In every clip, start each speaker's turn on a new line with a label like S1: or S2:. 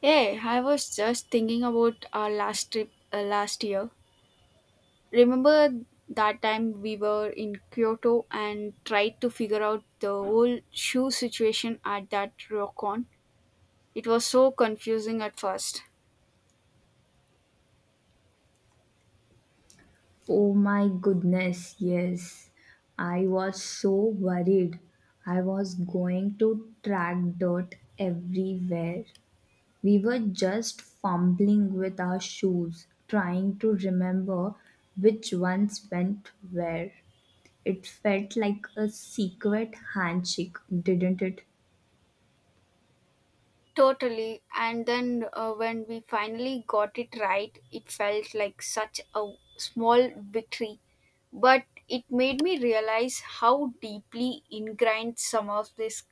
S1: Hey, I was just thinking about our last trip last year. Remember that time we were in Kyoto and tried to figure out the whole shoe situation at that ryokan? It was so confusing at first.
S2: Oh my goodness, yes. I was so worried. I was going to track dirt everywhere. We were just fumbling with our shoes, trying to remember which ones went where. It felt like a secret handshake, didn't it?
S1: Totally. And then when we finally got it right, it felt like such a small victory. But it made me realize how deeply ingrained some of these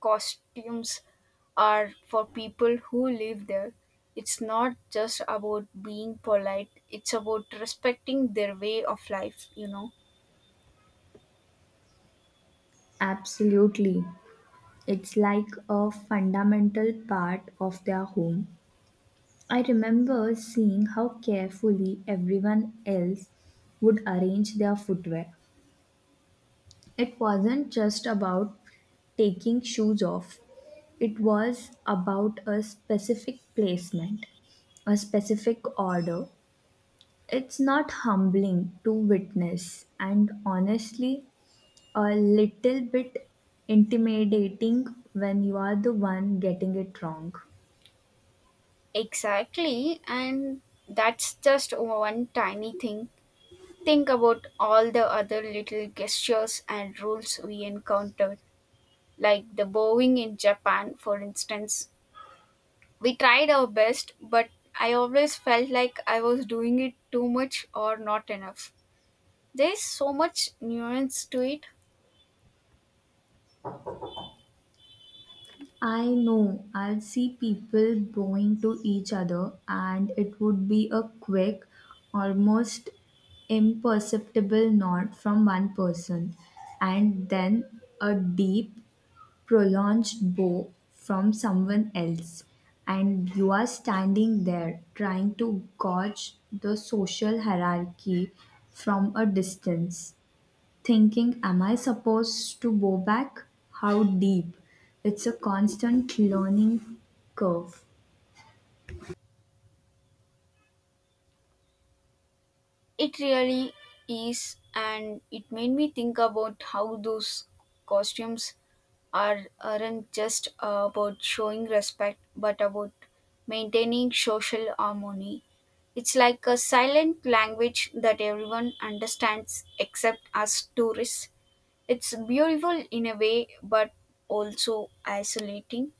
S1: costumes are for people who live there. It's not just about being polite, it's about respecting their way of life, you know.
S2: Absolutely. It's like a fundamental part of their home. I remember seeing how carefully everyone else would arrange their footwear. It wasn't just about taking shoes off, it was about a specific placement, a specific order. It's not humbling to witness, and honestly, a little bit intimidating when you are the one getting it wrong.
S1: Exactly. And that's just one tiny thing. Think about all the other little gestures and rules we encountered, like the bowing in Japan, for instance. We tried our best, but I always felt like I was doing it too much or not enough. There's so much nuance to it.
S2: I know I'd see people bowing to each other, and it would be a quick, almost imperceptible nod from one person, and then a deep, prolonged bow from someone else. And you are standing there trying to gauge the social hierarchy from a distance thinking, am I supposed to go back? How deep? It's a constant learning curve.
S1: It really is, and it made me think about how those costumes aren't just about showing respect but about maintaining social harmony. It's like a silent language that everyone understands except us tourists. It's beautiful in a way but also isolating.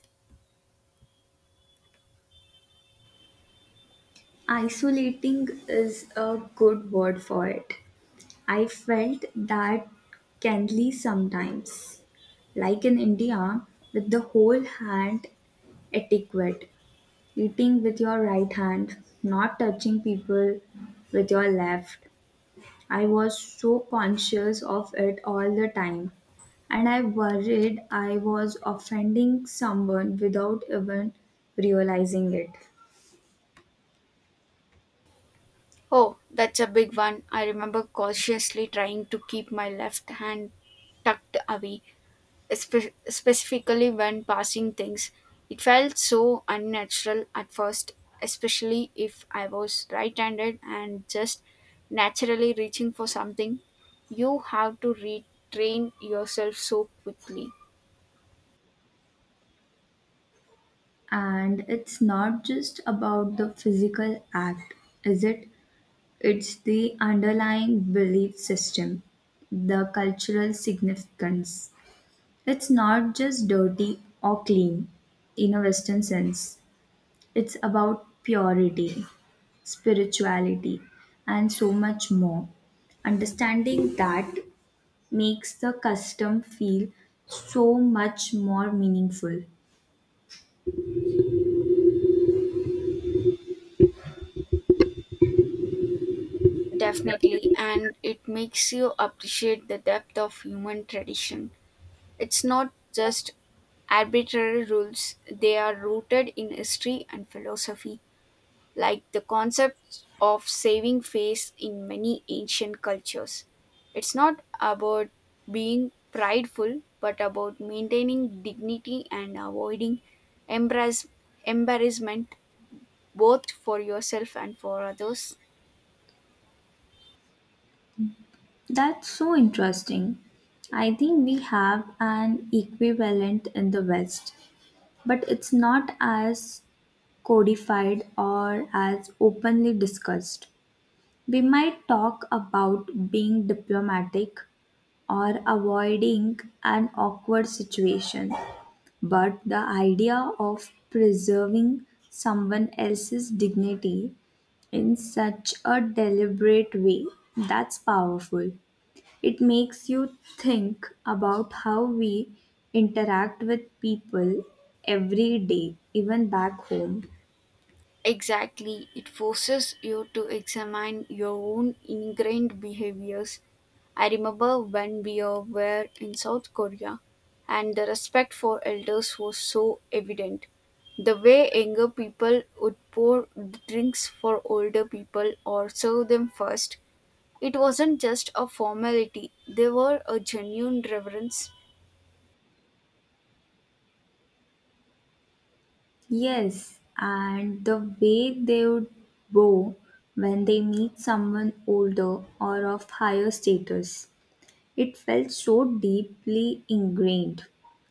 S2: Isolating is a good word for it. I felt that kindly sometimes, like in India, with the whole hand etiquette, eating with your right hand, not touching people with your left. I was so conscious of it all the time, and I worried I was offending someone without even realizing it.
S1: Oh, that's a big one. I remember cautiously trying to keep my left hand tucked away, specifically when passing things. It felt so unnatural at first, especially if I was right handed and just naturally reaching for something. You have to retrain yourself so quickly.
S2: And it's not just about the physical act, is it? It's the underlying belief system, the cultural significance. It's not just dirty or clean in a Western sense. It's about purity, spirituality, and so much more. Understanding that makes the custom feel so much more meaningful.
S1: Definitely, and it makes you appreciate the depth of human tradition. It's not just arbitrary rules, they are rooted in history and philosophy, like the concept of saving face in many ancient cultures. It's not about being prideful, but about maintaining dignity and avoiding embarrass- embarrassment both for yourself and for others.
S2: That's so interesting. I think we have an equivalent in the West, but it's not as codified or as openly discussed. We might talk about being diplomatic or avoiding an awkward situation. But the idea of preserving someone else's dignity in such a deliberate way, that's powerful. It makes you think about how we interact with people every day, even back home.
S1: Exactly, it forces you to examine your own ingrained behaviors. I remember when we were in South Korea and the respect for elders was so evident. The way younger people would pour drinks for older people or serve them first, it wasn't just a formality, they were a genuine reverence.
S2: Yes, and the way they would bow when they meet someone older or of higher status. It felt so deeply ingrained,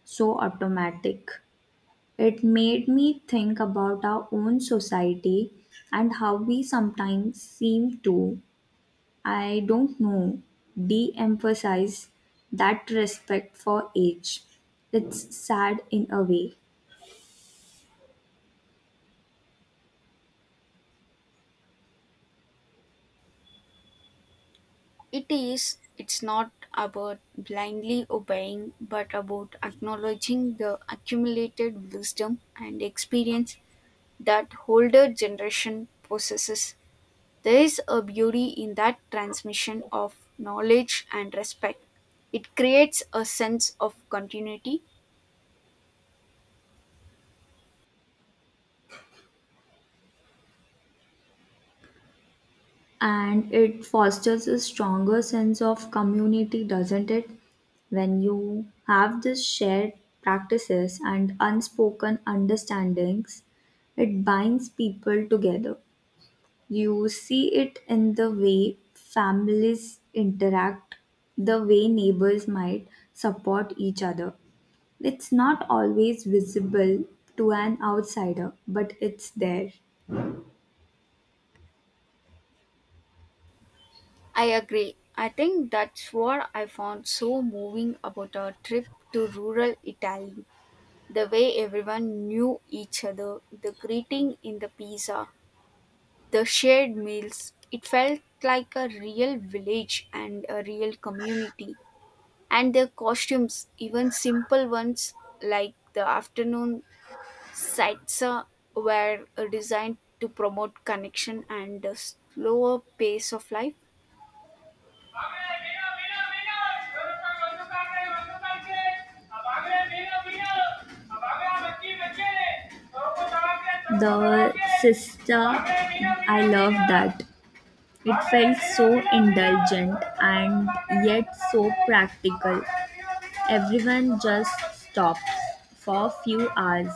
S2: so automatic. It made me think about our own society and how we sometimes seem to, I don't know, de emphasize that respect for age. It's sad in a way.
S1: It is, it's not about blindly obeying, but about acknowledging the accumulated wisdom and experience that older generation possesses. There is a beauty in that transmission of knowledge and respect. It creates a sense of continuity.
S2: And it fosters a stronger sense of community, doesn't it? When you have this shared practices and unspoken understandings, it binds people together. You see it in the way families interact, the way neighbors might support each other. It's not always visible to an outsider, but it's there.
S1: I agree. I think that's what I found so moving about our trip to rural Italy. The way everyone knew each other, the greeting in the pizza, the shared meals, it felt like a real village and a real community, and their costumes, even simple ones like the afternoon saitsa, were designed to promote connection and a slower pace of life.
S2: The sister, I love that. It felt so indulgent and yet so practical. Everyone just stops for a few hours.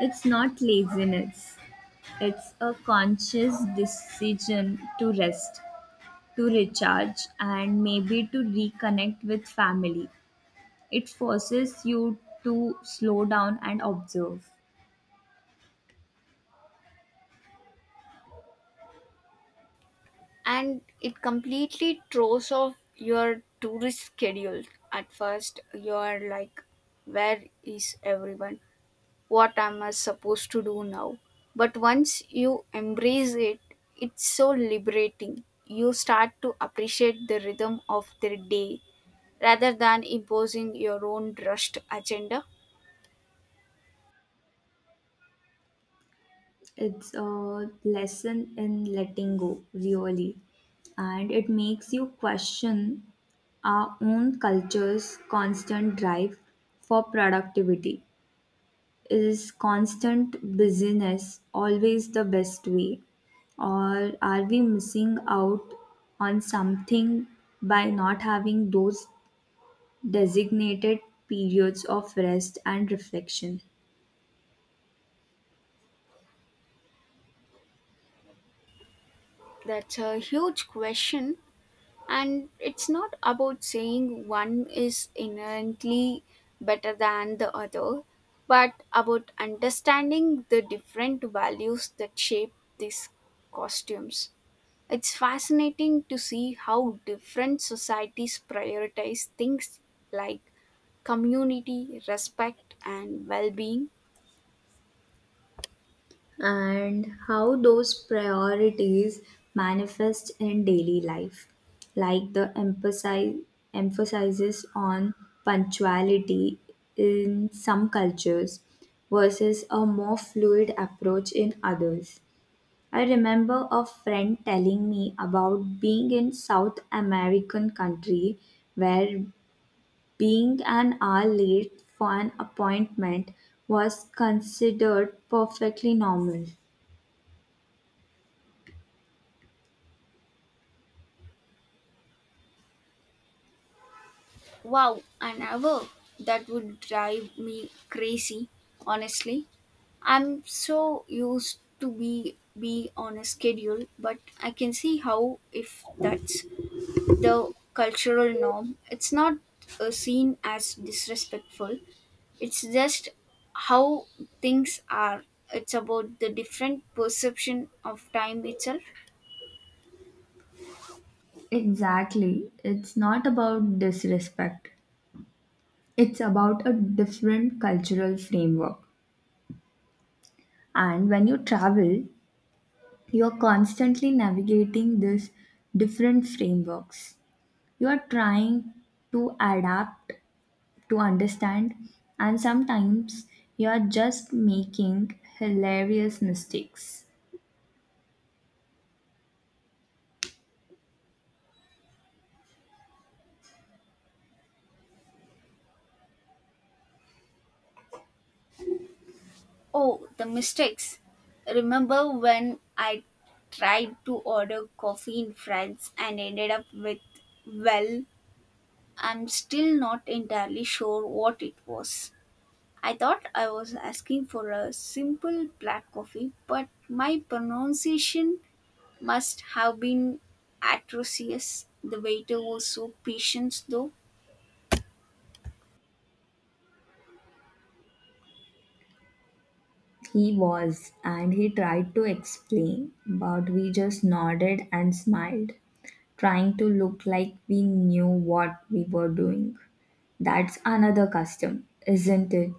S2: It's not laziness, it's a conscious decision to rest, to recharge and maybe to reconnect with family. It forces you to slow down and observe.
S1: And it completely throws off your tourist schedule. At first you're like, where is everyone, what am I supposed to do now? But once you embrace it, it's so liberating. You start to appreciate the rhythm of the day rather than imposing your own rushed agenda.
S2: It's a lesson in letting go, really. And it makes you question our own culture's constant drive for productivity. Is constant busyness always the best way? Or are we missing out on something by not having those designated periods of rest and reflection?
S1: That's a huge question, and it's not about saying one is inherently better than the other, but about understanding the different values that shape these costumes. It's fascinating to see how different societies prioritize things like community, respect, and well being.
S2: And how those priorities manifest in daily life, like the emphasize, emphasis on punctuality in some cultures versus a more fluid approach in others. I remember a friend telling me about being in South American country where being an hour late for an appointment was considered perfectly normal.
S1: Wow, an hour, that would drive me crazy, honestly. I'm so used to be on a schedule, but I can see how if that's the cultural norm, it's not seen as disrespectful. It's just how things are. It's about the different perception of time itself.
S2: Exactly. It's not about disrespect. It's about a different cultural framework. And when you travel, you are constantly navigating these different frameworks. You are trying to adapt, to understand, and sometimes you are just making hilarious mistakes.
S1: Oh, the mistakes. Remember when I tried to order coffee in France and ended up with, well, I'm still not entirely sure what it was. I thought I was asking for a simple black coffee, but my pronunciation must have been atrocious. The waiter was so patient, though.
S2: He was, and he tried to explain, but we just nodded and smiled, trying to look like we knew what we were doing. That's another custom, isn't it?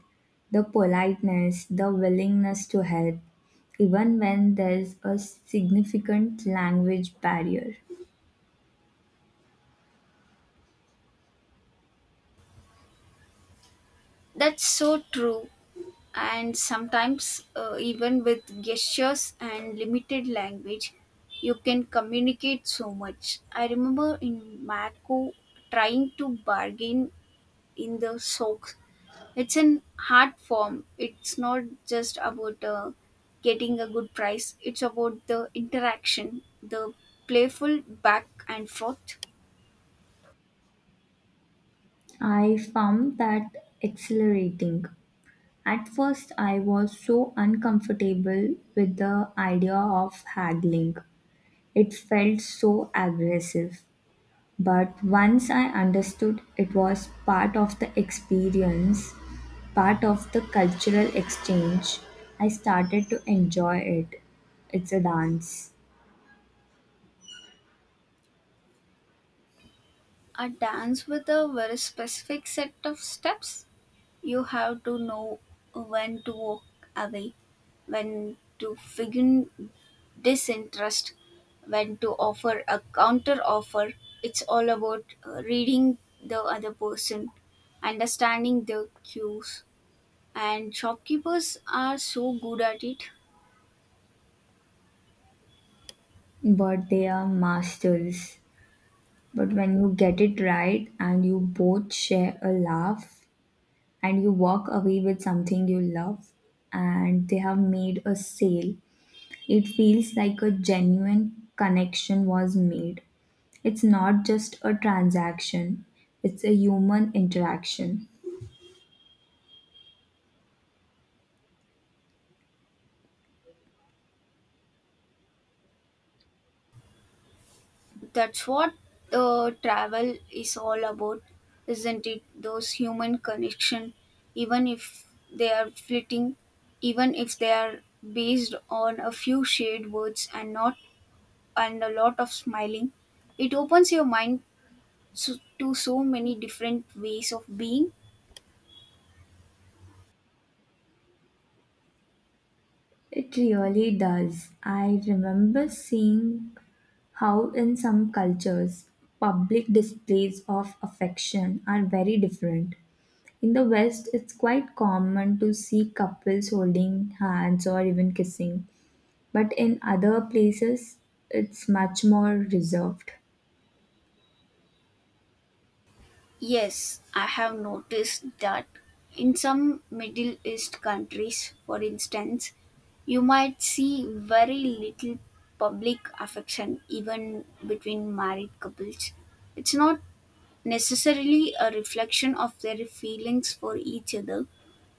S2: The politeness, the willingness to help, even when there's a significant language barrier.
S1: That's so true. And sometimes, even with gestures and limited language, you can communicate so much. I remember in Matco trying to bargain in the soaks. It's an hard form. It's not just about getting a good price. It's about the interaction, the playful back and forth.
S2: I found that exhilarating. At first, I was so uncomfortable with the idea of haggling. It felt so aggressive, but once I understood it was part of the experience, part of the cultural exchange, I started to enjoy it. It's a dance,
S1: A dance with a very specific set of steps. You have to know when to walk away, when to feign disinterest, when to offer a counter offer. It's all about reading the other person, understanding the cues, and shopkeepers are so good at it.
S2: but they are masters. But when you get it right and you both share a laugh and you walk away with something you love and they have made a sale, it feels like a genuine connection was made. It's not just a transaction, it's a human interaction.
S1: That's what travel is all about, isn't it? Those human connection, even if they are fleeting, even if they are based on a few shared words and not and a lot of smiling, it opens your mind so, to so many different ways of being.
S2: It really does. I remember seeing how, in some cultures, public displays of affection are very different. In the West, it's quite common to see couples holding hands or even kissing, but in other places, it's much more reserved.
S1: Yes, I have noticed that in some Middle East countries, for instance, you might see very little public affection even between married couples. It's not necessarily a reflection of their feelings for each other,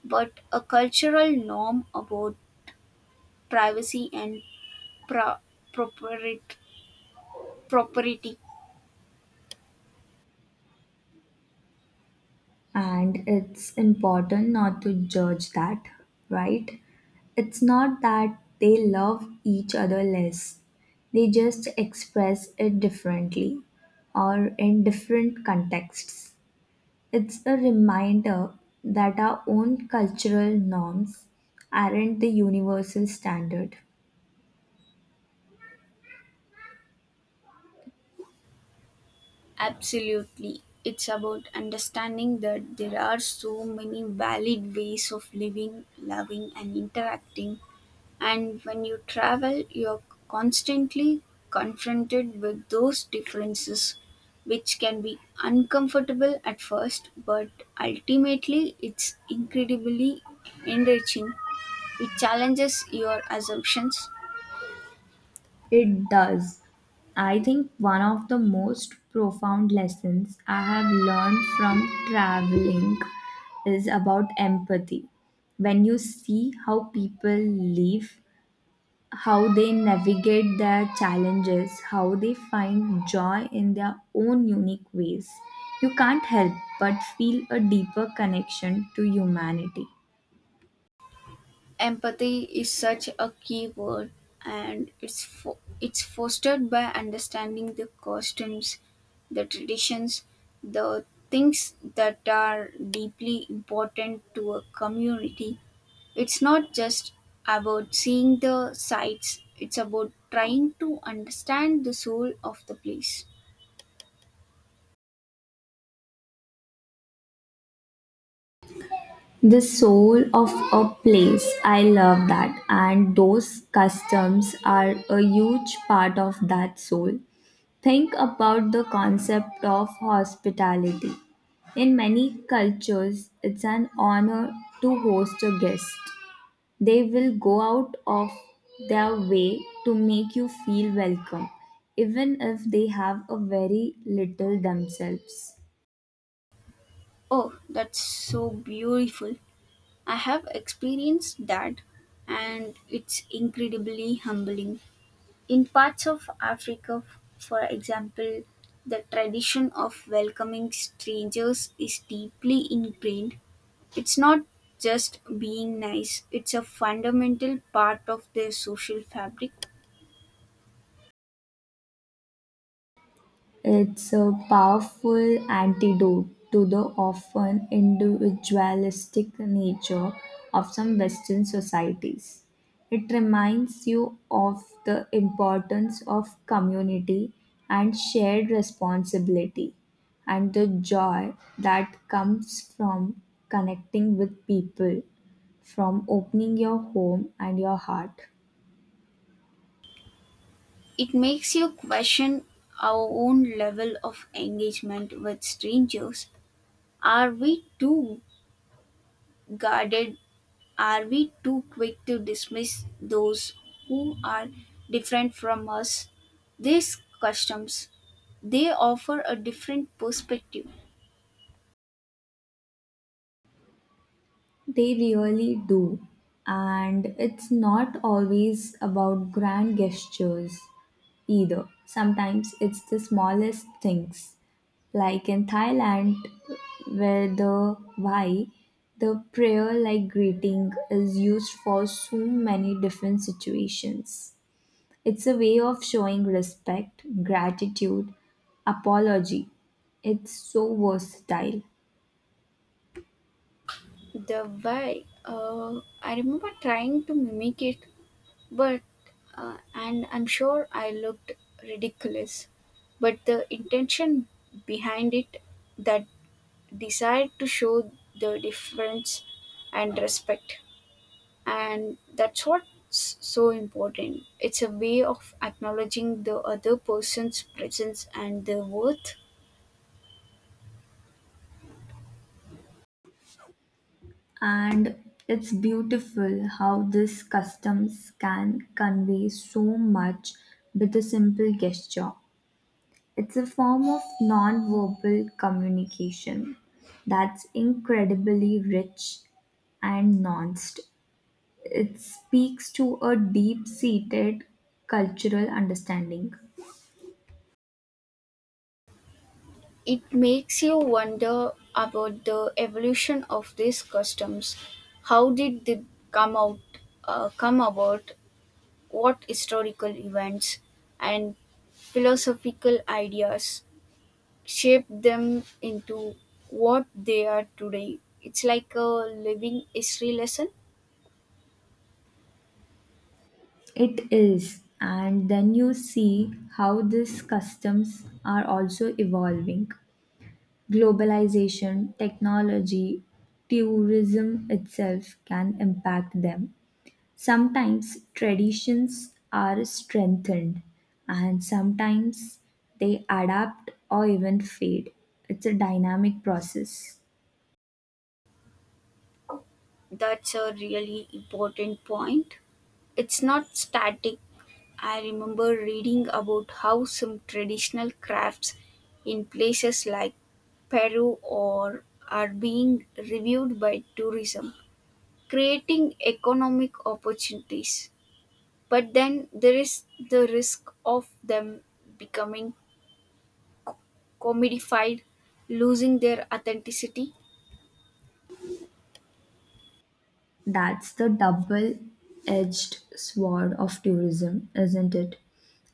S1: but a cultural norm about privacy and pro- property. Property.
S2: And it's important not to judge that, right? It's not that they love each other less, they just express it differently or in different contexts. It's a reminder that our own cultural norms aren't the universal standard.
S1: Absolutely. It's about understanding that there are so many valid ways of living, loving, and interacting. And when you travel, you're constantly confronted with those differences, which can be uncomfortable at first, but ultimately, it's incredibly enriching. It challenges your assumptions.
S2: It does. I think one of the most profound lessons I have learned from traveling is about empathy. When you see how people live, how they navigate their challenges, how they find joy in their own unique ways, you can't help but feel a deeper connection to humanity.
S1: Empathy is such a key word, and it's fostered by understanding the costumes, the traditions, the things that are deeply important to a community. It's not just about seeing the sights, it's about trying to understand the soul of the place.
S2: The soul of a place, I love that. And those customs are a huge part of that soul. Think about the concept of hospitality. In many cultures, it's an honor to host a guest. They will go out of their way to make you feel welcome, even if they have a very little themselves.
S1: Oh, that's so beautiful. I have experienced that, and it's incredibly humbling. In parts of Africa, for example, the tradition of welcoming strangers is deeply ingrained. It's not just being nice, it's a fundamental part of their social fabric.
S2: It's a powerful antidote to the often individualistic nature of some Western societies. It reminds you of the importance of community and shared responsibility and the joy that comes from connecting with people, from opening your home and your heart.
S1: It makes you question our own level of engagement with strangers. Are we too guarded, are we too quick to dismiss those who are different from us? These customs, they offer a different perspective.
S2: They really do. And it's not always about grand gestures either. Sometimes it's the smallest things. Like in Thailand, where the why, the prayer like greeting is used for so many different situations. It's a way of showing respect, gratitude, apology. It's so versatile.
S1: The why, I remember trying to mimic it, but and I'm sure I looked ridiculous. But the intention behind it, that desire to show the difference and respect. And that's what's so important, it's a way of acknowledging the other person's presence and their worth.
S2: And it's beautiful how these customs can convey so much with a simple gesture. It's a form of non-verbal communication that's incredibly rich and nuanced. It speaks to a deep seated cultural understanding.
S1: It makes you wonder about the evolution of these customs. How did they come out come about, what historical events and philosophical ideas shaped them into what they are today? It's like a living history lesson.
S2: It is, and then you see how these customs are also evolving. Globalization, technology, tourism itself can impact them. Sometimes traditions are strengthened, and sometimes they adapt or even fade. It's a dynamic process.
S1: That's a really important point. It's not static. I remember reading about how some traditional crafts in places like Peru or are being reviewed by tourism, creating economic opportunities. But then there is the risk of them becoming commodified, losing their authenticity.
S2: That's the double-edged sword of tourism, isn't it?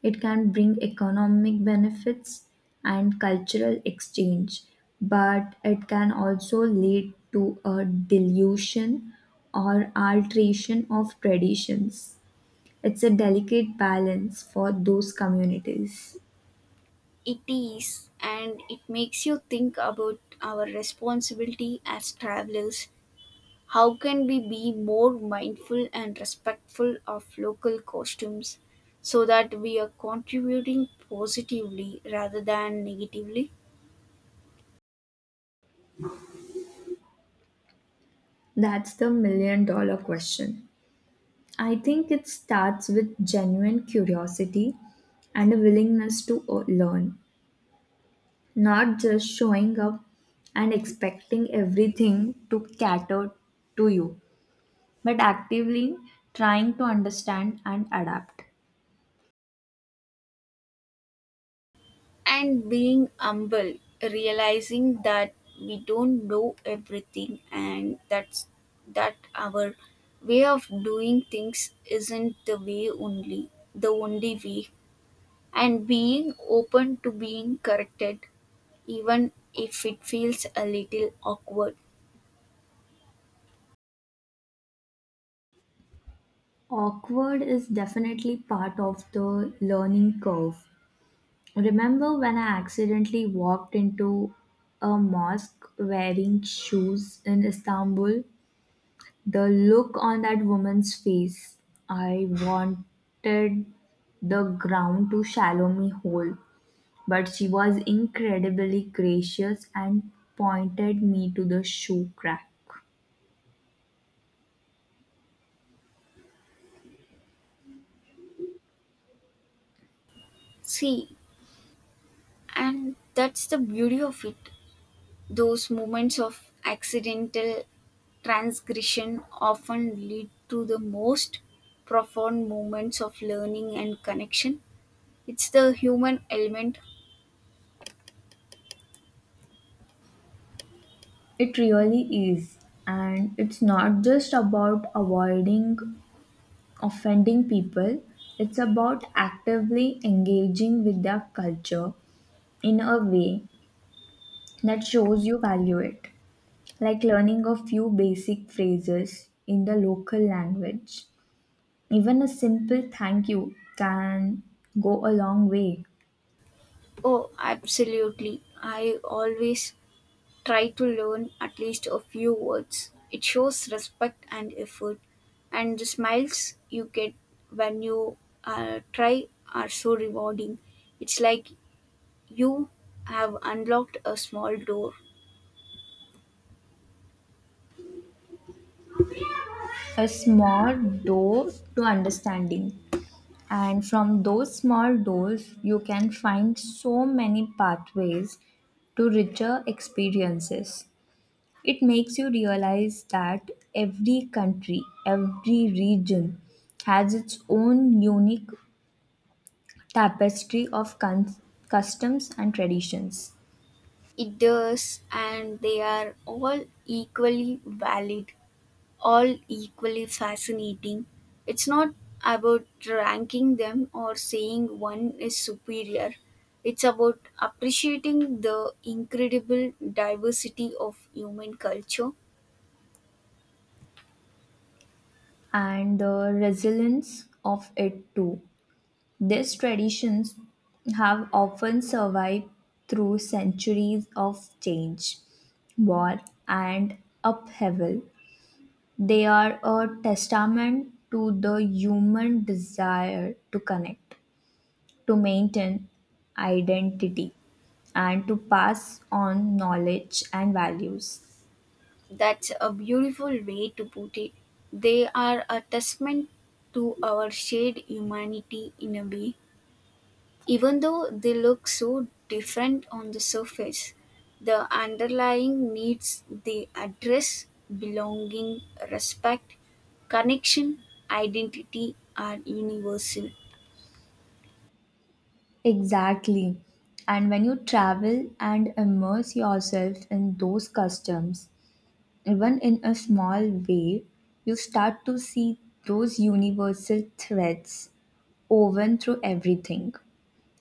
S2: It can bring economic benefits and cultural exchange, but it can also lead to a dilution or alteration of traditions. It's a delicate balance for those communities.
S1: It is, and it makes you think about our responsibility as travelers. How can we be more mindful and respectful of local costumes so that we are contributing positively rather than negatively?
S2: That's the million dollar question. I think it starts with genuine curiosity and a willingness to learn. Not just showing up and expecting everything to cater to you, but actively trying to understand and adapt.
S1: And being humble, realizing that we don't know everything and that our way of doing things isn't the only way. And being open to being corrected, even if it feels a little awkward.
S2: Awkward is definitely part of the learning curve. Remember when I accidentally walked into a mosque wearing shoes in Istanbul? The look on that woman's face, I wanted the ground to shallow me whole. But she was incredibly gracious and pointed me to the shoe rack.
S1: See, and that's the beauty of it. Those moments of accidental transgression often lead to the most profound moments of learning and connection. It's the human element.
S2: It really is. And it's not just about avoiding offending people, it's about actively engaging with their culture in a way that shows you value it, like learning a few basic phrases in the local language. Even a simple thank you can go a long way.
S1: Oh, absolutely. I always try to learn at least a few words. It shows respect and effort. And the smiles you get when you try are so rewarding. It's like you have unlocked a small door.
S2: A small door to understanding. And from those small doors, you can find so many pathways to richer experiences. It makes you realize that every country, every region has its own unique tapestry of customs and traditions,
S1: It does, and they are all equally valid, all equally fascinating. It's not about ranking them or saying one is superior. It's about appreciating the incredible diversity of human culture.
S2: and the resilience of it too. These traditions have often survived through centuries of change, war, and upheaval. They are a testament to the human desire to connect, to maintain identity, and to pass on knowledge and values.
S1: That's a beautiful way to put it. They are a testament to our shared humanity in a way. Even though they look so different on the surface, the underlying needs they address, belonging, respect, connection, identity, are universal.
S2: Exactly. And when you travel and immerse yourself in those customs, even in a small way, you start to see those universal threads woven through everything.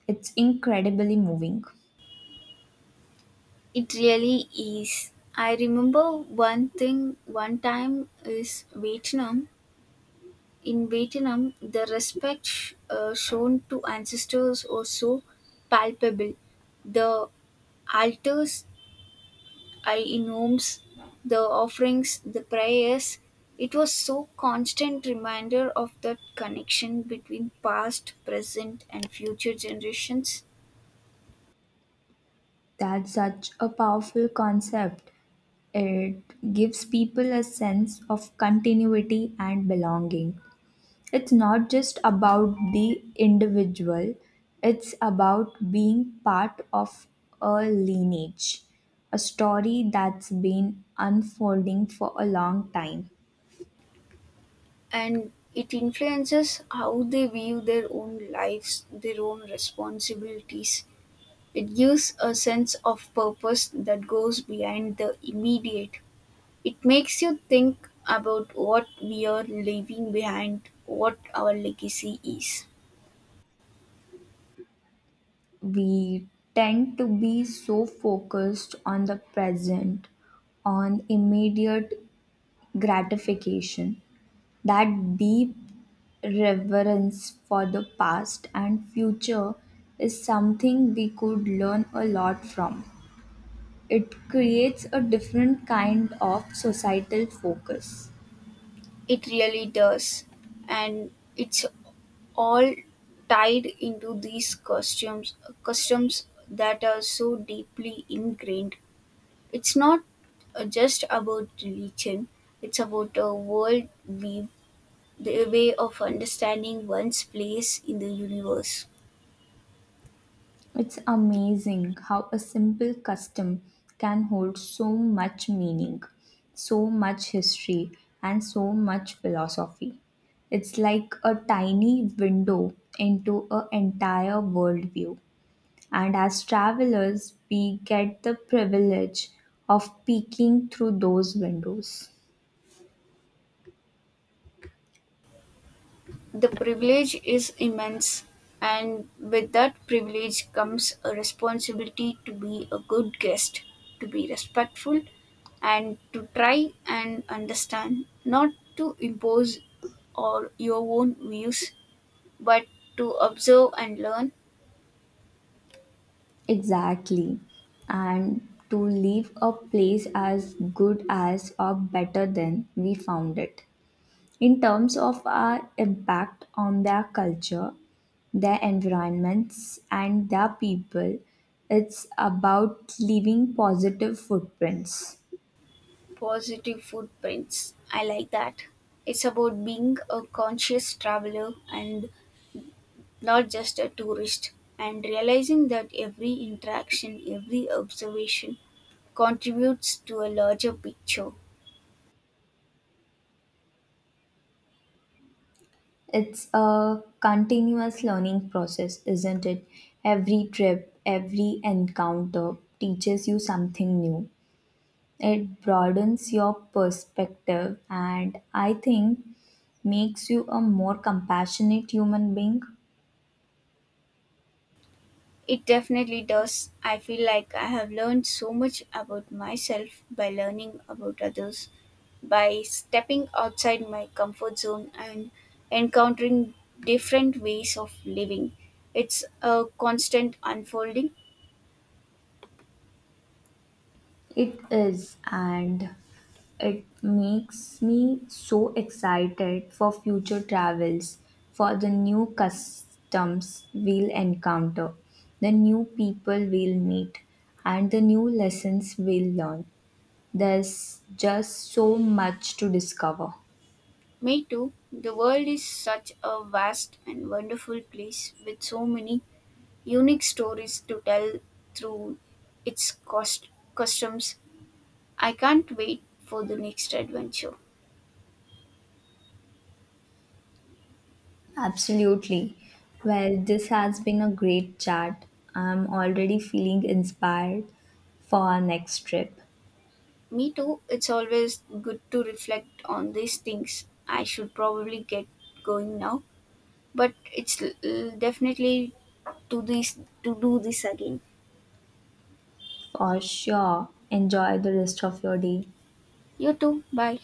S2: It's incredibly moving.
S1: It really is. I remember one thing one time is Vietnam. In Vietnam, the respect shown to ancestors was so palpable. The altars I inums, the offerings, the prayers. It was so constant reminder of that connection between past, present and future generations.
S2: That's such a powerful concept. It gives people a sense of continuity and belonging. It's not just about the individual, it's about being part of a lineage, a story that's been unfolding for a long time.
S1: And it influences how they view their own lives, their own responsibilities. It gives a sense of purpose that goes behind the immediate. It makes you think about what we are leaving behind, what our legacy is.
S2: We tend to be so focused on the present, on immediate gratification. That deep reverence for the past and future is something we could learn a lot from. It creates a different kind of societal focus.
S1: It really does. And it's all tied into these customs that are so deeply ingrained. It's not just about religion, it's about a world view, the way of understanding one's place in the universe.
S2: It's amazing how a simple custom can hold so much meaning, so much history, and so much philosophy. It's like a tiny window into an entire worldview. And as travelers, we get the privilege of peeking through those windows.
S1: The privilege is immense, and with that privilege comes a responsibility to be a good guest, to be respectful, and to try and understand, not to impose or your own views, but to observe and learn.
S2: Exactly. And to leave a place as good as or better than we found it. In terms of our impact on their culture, their environments, and their people, it's about leaving positive footprints.
S1: Positive footprints. I like that. It's about being a conscious traveler and not just a tourist, and realizing that every interaction, every observation contributes to a larger picture.
S2: It's a continuous learning process, isn't it? Every trip, every encounter teaches you something new. It broadens your perspective and I think makes you a more compassionate human being.
S1: It definitely does. I feel like I have learned so much about myself by learning about others, by stepping outside my comfort zone and encountering different ways of living. It's a constant unfolding.
S2: It is, and it makes me so excited for future travels, for the new customs we'll encounter, the new people we'll meet, and the new lessons we'll learn. There's just so much to discover.
S1: Me too. The world is such a vast and wonderful place with so many unique stories to tell through its cost customs. I can't wait for the next adventure.
S2: Absolutely. Well, this has been a great chat. I'm already feeling inspired for our next trip.
S1: Me too. It's always good to reflect on these things. I should probably get going now, but it's definitely to do this again.
S2: For sure. Enjoy the rest of your day.
S1: You too. Bye.